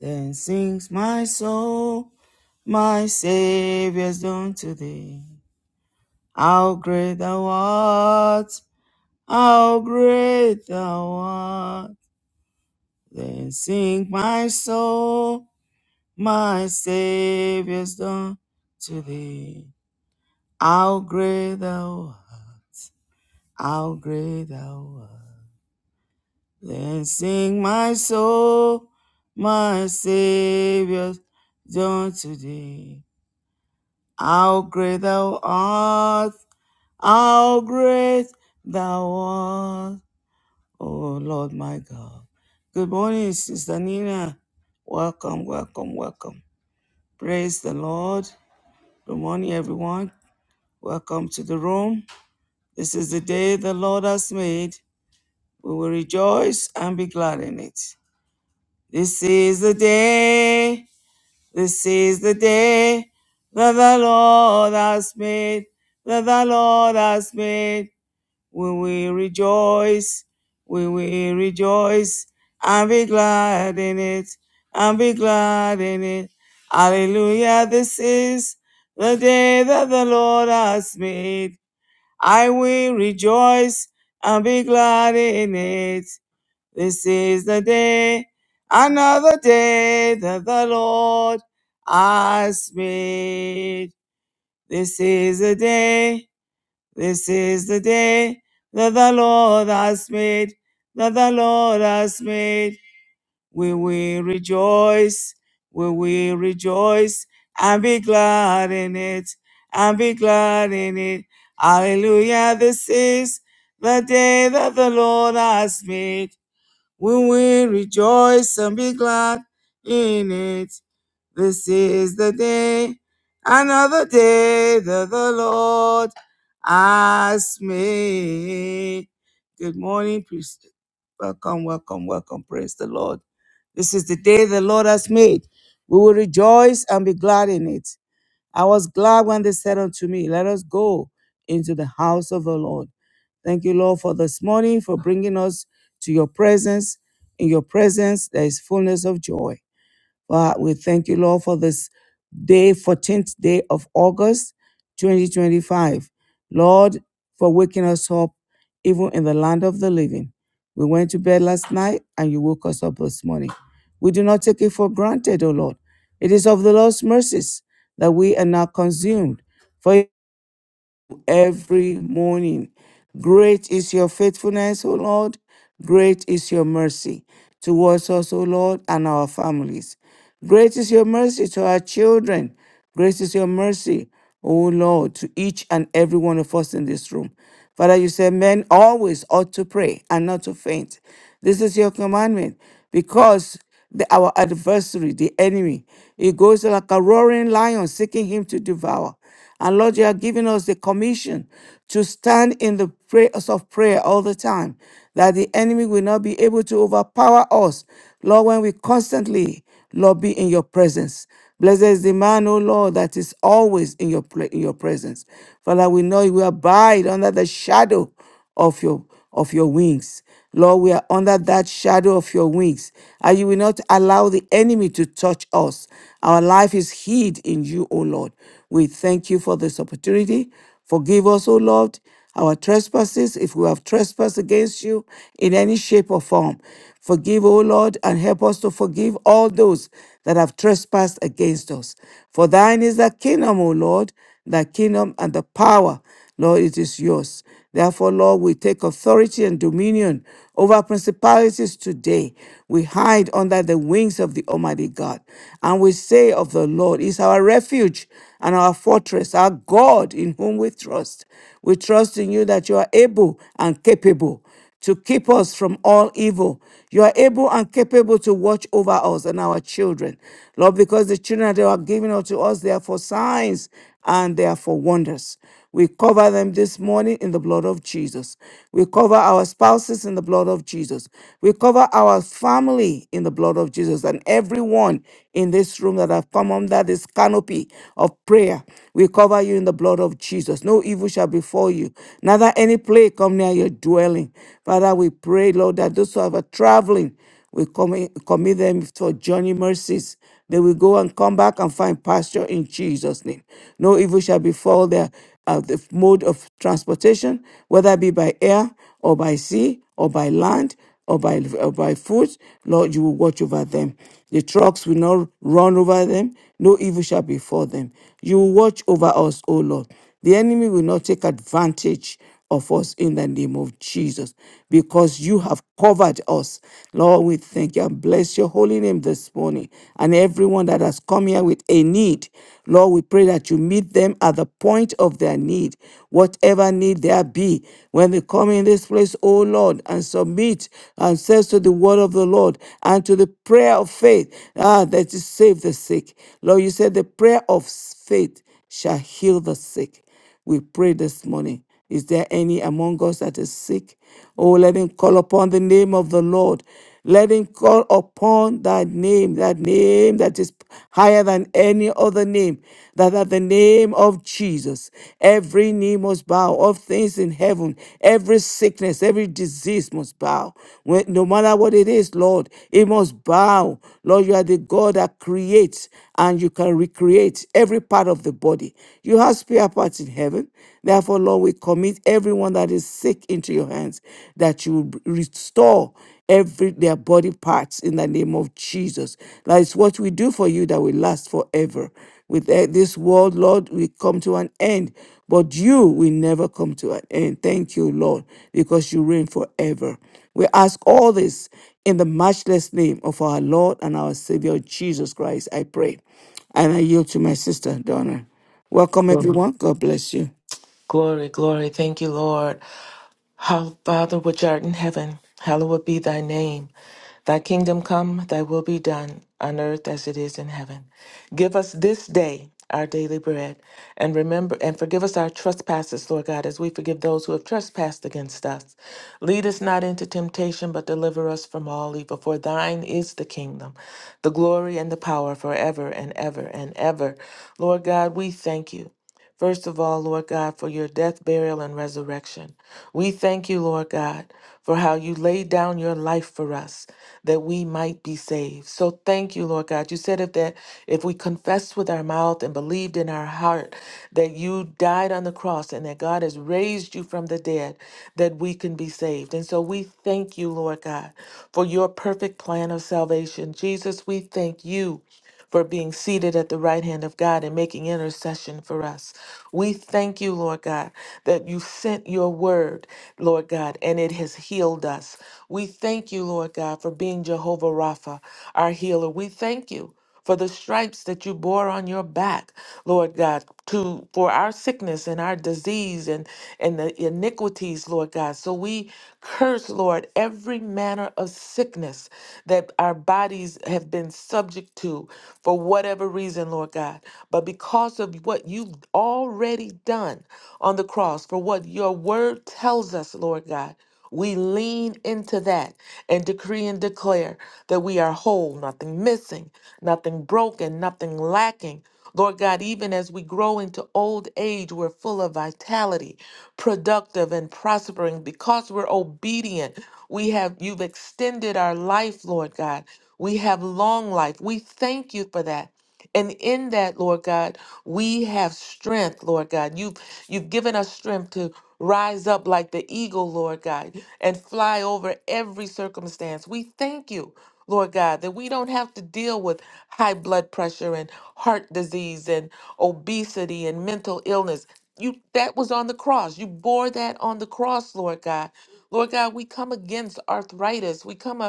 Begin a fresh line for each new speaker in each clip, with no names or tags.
Then sings my soul, my Saviour's done to thee. How great thou art, how great thou art. Then sing my soul, my Saviour's done to thee. How great thou art, how great thou art. Then sing my soul, my Saviour's done to thee. How great thou art, how great thou art, oh Lord my God. Good morning, Sister Nina. Welcome, welcome, welcome. Praise the Lord. Good morning, everyone. Welcome to the room. This is the day the Lord has made. We will rejoice and be glad in it. This is the day, this is the day that the Lord has made, that the Lord has made. We will rejoice. We will rejoice and be glad in it. And be glad in it. Hallelujah. This is the day that the Lord has made. I will rejoice and be glad in it. This is the day, another day that the Lord has made. This is the day. This is the day that the Lord has made, that the Lord has made. We will rejoice, we will rejoice and be glad in it, and be glad in it. Hallelujah, this is the day that the Lord has made. We will rejoice and be glad in it. This is the day, another day that the Lord has made. Good morning, priest. Welcome, welcome, welcome. Praise the Lord. This is the day the Lord has made. We will rejoice and be glad in it. I was glad when they said unto me, Let us go into the house of the Lord. Thank you, Lord, for this morning, for bringing us to your presence. In your presence, there is fullness of joy. Well, we thank you, Lord, for this day, 14th day of August 2025. Lord, for waking us up even in the land of the living. We went to bed last night and you woke us up this morning. We do not take it for granted, O Lord. It is of the Lord's mercies that we are not consumed. For new every morning. Great is your faithfulness, O Lord. Great is your mercy towards us, O Lord, and our families. Great is your mercy to our children. Great is your mercy, O Lord, to each and every one of us in this room. Father, you said men always ought to pray and not to faint. This is your commandment because the, our adversary, the enemy, he goes like a roaring lion seeking him to devour. And Lord, you are giving us the commission to stand in the prayers of prayer all the time, that the enemy will not be able to overpower us. Lord, when we constantly, Lord, be in your presence. Blessed is the man, O Lord, that is always in your, pre- in your presence. Father, we know you will abide under the shadow of your of your wings. Lord, we are under that shadow of your wings, and you will not allow the enemy to touch us. Our life is hid in you, O Lord. We thank you for this opportunity. Forgive us, O Lord, our trespasses if we have trespassed against you in any shape or form. Forgive, O Lord, and help us to forgive all those that have trespassed against us. For thine is the kingdom, O Lord, the kingdom and the power Lord, it is yours. Therefore, Lord, we take authority and dominion over principalities today. We hide under the wings of the Almighty God. And we say of the Lord, is our refuge and our fortress, our God in whom we trust. We trust in you that you are able and capable to keep us from all evil. You are able and capable to watch over us and our children. Lord, because the children that you are giving unto us, they are for signs and they are for wonders. We cover them this morning in the blood of Jesus. We cover our spouses in the blood of Jesus. We cover our family in the blood of Jesus and everyone in this room that have come under this canopy of prayer. We cover you in the blood of Jesus. No evil shall befall you, neither any plague come come near your dwelling. Father, we pray, Lord, that those who are traveling, we commit, commit them for journey mercies. They will go and come back and find pasture in Jesus' name. No evil shall befall their uh, the mode of transportation, whether it be by air or by sea or by land or by or by foot. Lord, you will watch over them. The trucks will not run over them. No evil shall befall them. You will watch over us, O Lord. The enemy will not take advantage of us in the name of Jesus, because you have covered us. Lord, we thank you and bless your holy name this morning. And everyone that has come here with a need, Lord, we pray that you meet them at the point of their need, whatever need there be. When they come in this place, O Lord, and submit and says to the word of the Lord and to the prayer of faith ah, that you save the sick. Lord, you said the prayer of faith shall heal the sick. We pray this morning. Is there any among us that is sick? Oh, let him call upon the name of the Lord. Let him call upon that name, that name that is higher than any other name, that at the name of Jesus, every knee must bow of things in heaven, every sickness, every disease must bow. When- no matter what it is, Lord, it must bow. Lord, you are the God that creates and you can recreate every part of the body. You have spare parts in heaven. Therefore, Lord, we commit everyone that is sick into your hands, that you will restore every their body parts in the name of Jesus. That is what we do for you that will last forever. With eh, this world, Lord, we come to an end, but you will never come to an end. Thank you, Lord, because you reign forever. We ask all this in the matchless name of our Lord and our Savior Jesus Christ. I pray. And I yield to my sister, Donna. Welcome,
Glory,
everyone. God bless you.
glory. glory. Thank you, Lord. How, Father, which art in heaven, hallowed be thy name. Thy kingdom come, thy will be done, on earth as it is in heaven. Give us this day our daily bread, and remember and forgive us our trespasses, Lord God, as we forgive those who have trespassed against us. Lead us not into temptation, but deliver us from all evil. For thine is the kingdom, the glory, and the power forever and ever and ever. Lord God, we thank you. First of all, Lord God, for your death, burial, and resurrection. We thank you, Lord God, for how you laid down your life for us that we might be saved. So thank you, Lord God. You said if that if we confessed with our mouth and believed in our heart that you died on the cross and that God has raised you from the dead, that we can be saved. And so we thank you, Lord God, for your perfect plan of salvation. Jesus, we thank you for being seated at the right hand of God and making intercession for us. We thank you, Lord God, that you sent your word, Lord God, and it has healed us. We thank you, Lord God, for being Jehovah Rapha, our healer. We thank you for the stripes that you bore on your back, Lord God, to for our sickness and our disease and and the iniquities, Lord God. So we curse, Lord, every manner of sickness sickness that our bodies have been subject to for whatever reason, Lord God. But because of what you've already done on the cross, for what your word tells us, Lord God, we lean into that and decree and declare that we are whole, nothing missing, nothing broken, nothing lacking. Lord God, even as we grow into old age, we're full of vitality, productive and prospering because we're obedient. We have you've extended our life, Lord God. We have long life. We thank you for that. And in that, Lord God, we have strength, Lord God. You've you've given us strength to rise up like the eagle, Lord God, and fly over every circumstance. We thank you. Lord God, that we don't have to deal with high blood pressure and heart disease and obesity and mental illness. You that was on the cross. You bore that on the cross, Lord God. Lord God, we come against arthritis. We come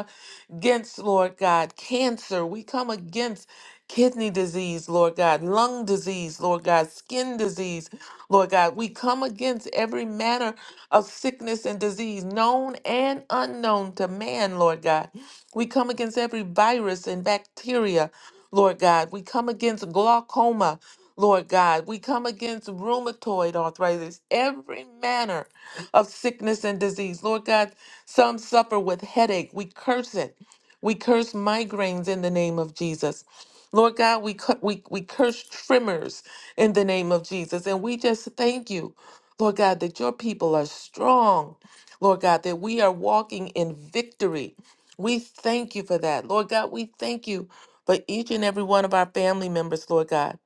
against, Lord God, cancer. We come against kidney disease, Lord God, lung disease, Lord God, skin disease, Lord God. We come against every manner of sickness and disease, known and unknown to man, Lord God. We come against every virus and bacteria, Lord God. We come against glaucoma, Lord God. We come against rheumatoid arthritis, every manner of sickness and disease. Lord God, some suffer with headache. We curse it. We curse migraines in the name of Jesus. Lord God, we, cu- we, we curse tremors in the name of Jesus. And we just thank you, Lord God, that your people are strong. Lord God, that we are walking in victory. We thank you for that. Lord God, we thank you for each and every one of our family members, Lord God.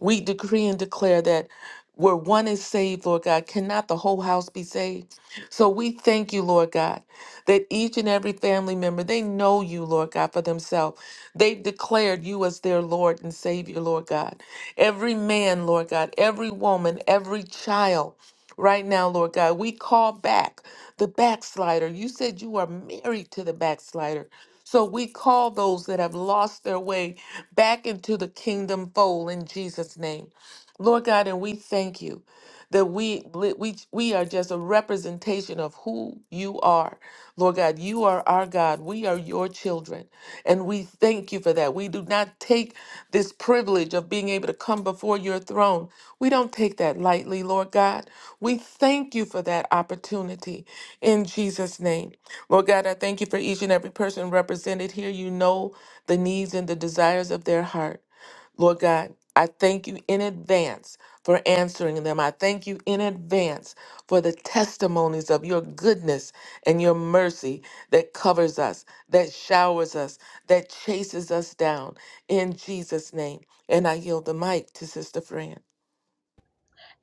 We decree and declare that where one is saved, Lord God, cannot the whole house be saved? So we thank you, Lord God, that each and every family member, they know you, Lord God, for themselves. They've declared you as their Lord and Savior, Lord God. Every man, Lord God, every woman, every child. Right now, Lord God, we call back the backslider. You said you are married to the backslider. So we call those that have lost their way back into the kingdom fold in Jesus' name. Lord God, and we thank you that we we we are just a representation of who you are. Lord God, you are our God. We are your children. And we thank you for that. We do not take this privilege of being able to come before your throne. We don't take that lightly, Lord God. We thank you for that opportunity in Jesus name. Lord God, I thank you for each and every person represented here. You know the needs and the desires of their heart. Lord God, I thank you in advance for answering them. I thank you in advance for the testimonies of your goodness and your mercy that covers us, that showers us, that chases us down in Jesus' name. And I yield the mic to Sister Fran.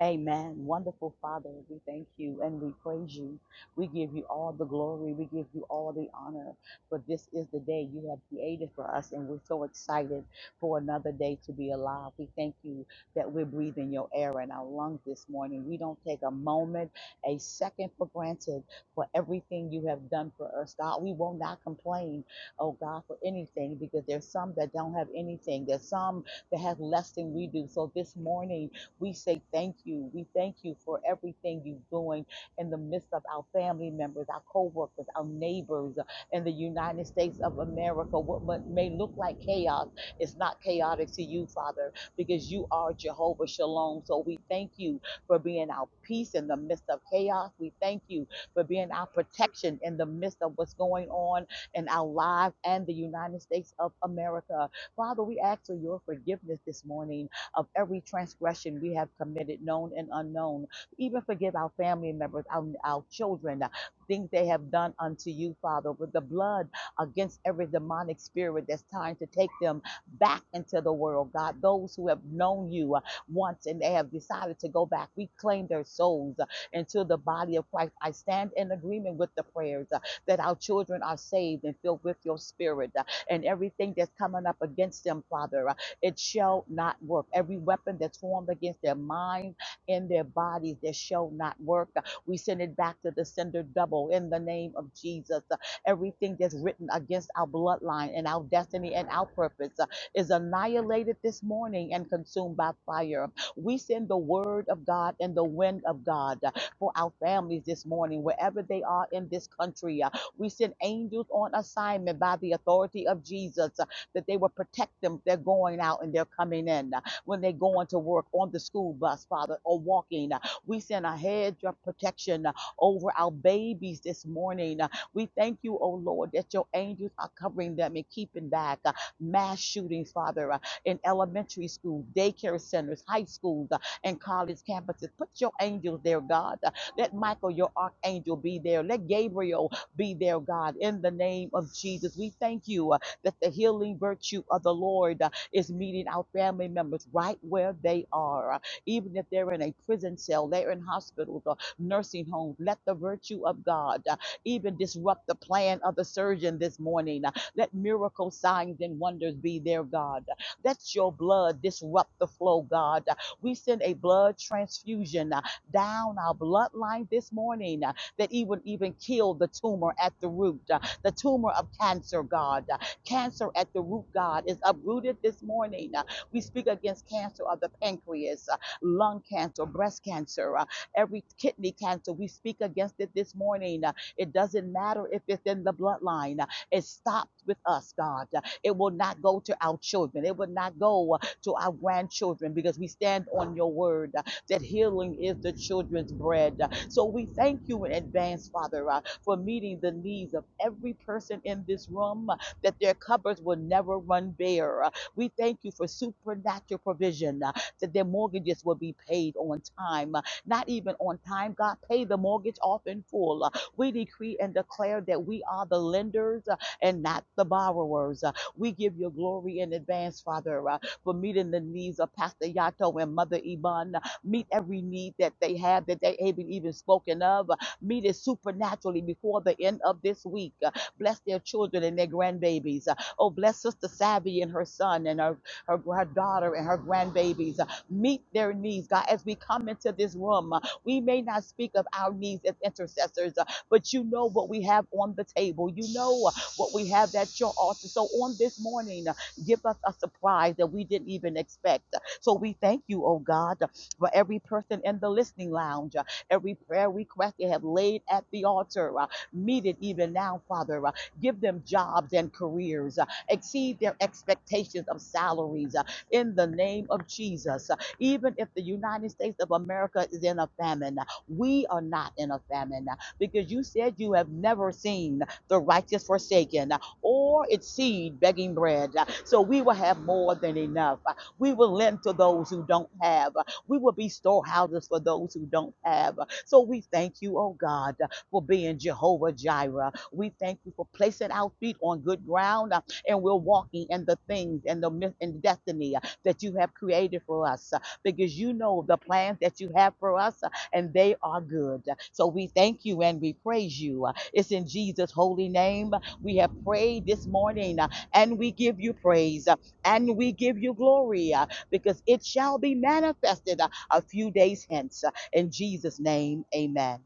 Amen. Wonderful Father, we thank you and we praise you. We give you all the glory. We give you all the honor. For this is the day you have created for us, and we're so excited for another day to be alive. We thank you that we're breathing your air in our lungs this morning. We don't take a moment, a second for granted for everything you have done for us, God. We will not complain, oh God, for anything because there's some that don't have anything. There's some that have less than we do. So this morning, we say thank you. We thank you for everything you're doing in the midst of our family members, our co-workers, our neighbors uh, in the United States of America. What what may look like chaos is not chaotic to you, Father, because you are Jehovah Shalom. So we thank you for being our peace in the midst of chaos. We thank you for being our protection in the midst of what's going on in our lives and the United States of America. Father, we ask for your forgiveness this morning of every transgression we have committed, known and unknown. Even forgive our family members, our, our children, uh, things they have done unto you, Father, with the blood against every demonic spirit that's trying to take them back into the world, God. Those who have known you uh, once and they have decided to go back, we claim their souls uh, into the body of Christ. I stand in agreement with the prayers uh, that our children are saved and filled with your spirit uh, and everything that's coming up against them, Father. uh, it shall not work. Every weapon that's formed against their minds and their bodies, that shall not work. We send it back to the sender double in the name of Jesus. Everything that's written against our bloodline and our destiny and our purpose uh, is annihilated this morning and consumed by fire. We send the word of God and the wind of God uh, for our families this morning, wherever they are in this country. uh, We send angels on assignment by the authority of Jesus that they will protect them. They're going out and they're coming in uh, when they're going to work on the school bus, Father, or walking. uh, We send a hedge of protection uh, over our babies this morning. Uh, We thank you, oh Lord, that your angels are covering them and keeping back uh, mass shootings, Father, uh, in elementary school, daycare centers, high schools, uh, and college campuses. Put your angels there, God. Uh, Let Michael, your archangel, be there. Let Gabriel be there, God, in the name of Jesus. We thank you uh, that the healing virtue of the Lord uh, is meeting our family members right where they are. Uh, Even if they're in a prison cell, they're in hospitals or nursing homes, let the virtue of God uh, even disrupt the plan of the surgeon this morning. Uh, Let miracle signs and wonders be there, God. Uh, Let your blood disrupt the flow, God. Uh, We send a blood transfusion uh, down our bloodline this morning uh, that even even kill the tumor at the root, uh, the tumor of cancer, God. Cancer at the root, God, is uprooted this morning. Uh, We speak against cancer of the pancreas, uh, lung cancer, breast cancer, uh, every kidney cancer. We speak against it this morning. Uh, It doesn't matter if it's in the bloodline. Uh, It stops with us, God. Uh, It will not go to our children. It will not go uh, to our grandchildren because we stand on your word uh, that healing is the children's bread. Uh, So we thank you in advance, Father, uh, for meeting the needs of every person in this room that their cupboards will never run bare. Uh, We thank you for supernatural provision uh, that their mortgages will be paid on time. Uh, Not even on time, God, pay the mortgage off in full. Uh, We decree and declare that we are the lenders uh, and not the borrowers. Uh, We give you glory in advance, Father, uh, for meeting the needs of Pastor Yato and Mother Iman. Meet every need that they have that they haven't even spoken of. Uh, Meet it supernaturally before the end of this week. Bless their children and their grandbabies. Uh, Oh, bless Sister Savvy and her son and her, her, her daughter and her grandbabies. Uh, Meet their needs, God. As we come into this room, uh, we may not speak of our needs as intercessors, uh, but you know what we have on the table. You know uh, what we have at your altar. So on this morning, uh, give us a surprise that we didn't even expect. Uh, So we thank you, oh God, for every person in the listening lounge, uh, every prayer request they have laid at the altar. uh, Meet it even now, Father. Uh, Give them jobs and careers. Uh, Exceed their expectations of salaries uh, in the name of Jesus. Uh, Even if the United States of America is in a famine, uh, we are not in a famine uh, because you said you have never seen the righteous forsaken uh, or its seed begging bread. Uh, So we will have more than enough. Uh, We will lend to those who don't have. Uh, We will be storehouses for those who don't have. Uh, So we thank you, oh God. uh, for being Jehovah Jireh. We thank you for placing our feet on good ground uh, and we're walking in the things and the myth and destiny uh, that you have created for us uh, because you know the plans that you have for us uh, and they are good. So we thank you and we praise you. Uh, It's in Jesus' holy name uh, we have prayed this morning uh, and we give you praise uh, and we give you glory uh, because it shall be manifested uh, a few days hence. Uh, In Jesus' name, amen.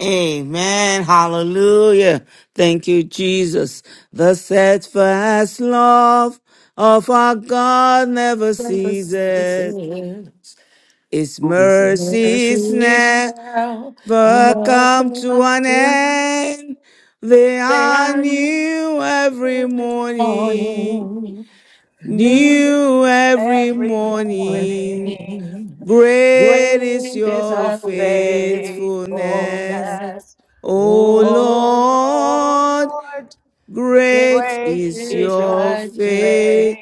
Amen. Hallelujah. Thank you, Jesus. The steadfast love of our God never
Bless
ceases.
Jesus,
His
His
mercies
mercy
never
shall not
come to
come
an
to an end.
end. They
They
are
are new
new every
every
morning.
morning. New
New
New every
every morning,
Great
morning. Great
great
is
is
is
your
our
thy
faithfulness,
faithfulness.
O
faithfulness.
O
O
Lord,
Lord,
Lord. Great
great
great
is
is
is
your
your faithfulness.
faithfulness.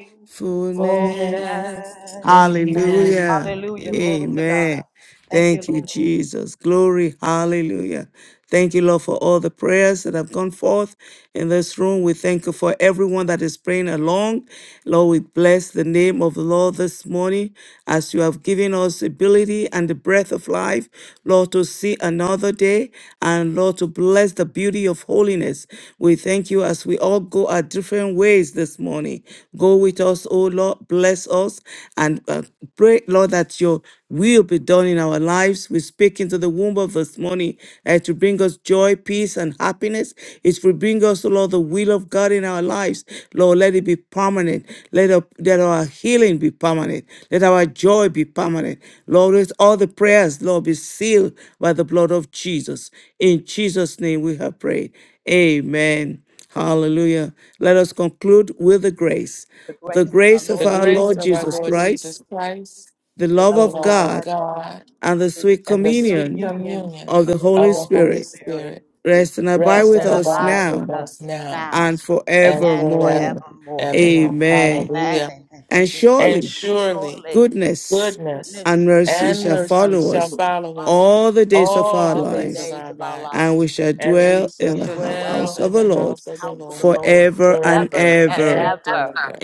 Hallelujah.
Hallelujah. Glory to God.
Amen.
Thank you,
Thank you,
Lord,
Jesus. Glory. Hallelujah. Thank you, Lord, for all the prayers that have gone forth in this room. We thank you for everyone that is praying along. Lord, we bless the name of the Lord this morning as you have given us ability and the breath of life, Lord, to see another day and Lord, to bless the beauty of holiness. We thank you as we all go our different ways this morning. Go with us, O Lord, bless us and uh, pray, Lord, that your will be done in our lives. We speak into the womb of this morning uh, to bring us joy, peace, and happiness. It will bring us, oh Lord, the will of God in our lives. Lord, let it be permanent. Let our, let our healing be permanent. Let our joy be permanent. Lord, let all the prayers, Lord, be sealed by the blood of Jesus. In Jesus' name we have prayed. Amen. Hallelujah. Let us conclude with the grace.
for the
The
grace of our
grace of
Lord
The
our
Jesus
grace
Lord
of our
Jesus
Lord
Christ,
Jesus
Christ,
Christ,
the
the
love
love
the
of
of
love of
God,
God,
God,
and the
and the
sweet
and the
sweet
sweet
communion
communion
communion
of the
of the
Holy
of the
Holy
Holy
Spirit
Spirit.
Spirit
rest and abide
Rest
rest
with
and
and
us
abide
abides
with
with
now
us
us
now
now
and
and
and
forevermore.
forever,
forevermore.
evermore.
Amen.
Amen.
Hallelujah.
Amen.
And
Thank you, Lord.
And
surely
surely.
Surely
goodness
goodness
and
goodness
mercy
and
shall
and
mercy
follow
mercy
shall
us
follow us
follow us
all the days of
all
our
the
all the
days of
lives,
days
our
of our lives.
and
lives,
we shall
and we
dwell
We
shall
in the
should dwell
dwell
house
in
of the
in
the
Lord
house
the
of the
house of the
Lord
Lord
forever and
ever
forever
and
ever.
and
ever.
ever.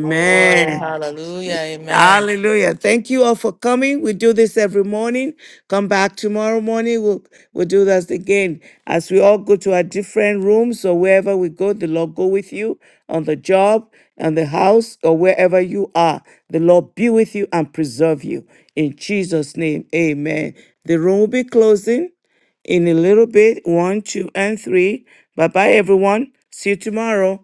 Glory,
Amen.
hallelujah, amen.
Hallelujah. Thank you all for coming. We do this every morning. Come back tomorrow morning. We'll, we'll do this again. As we all go to our different rooms or wherever we go, the Lord go with you on the job, on the house, or wherever you are. The Lord be with you and preserve you. In Jesus' name, amen. The room will be closing in a little bit. One, two, and three. Bye bye, everyone. See you tomorrow.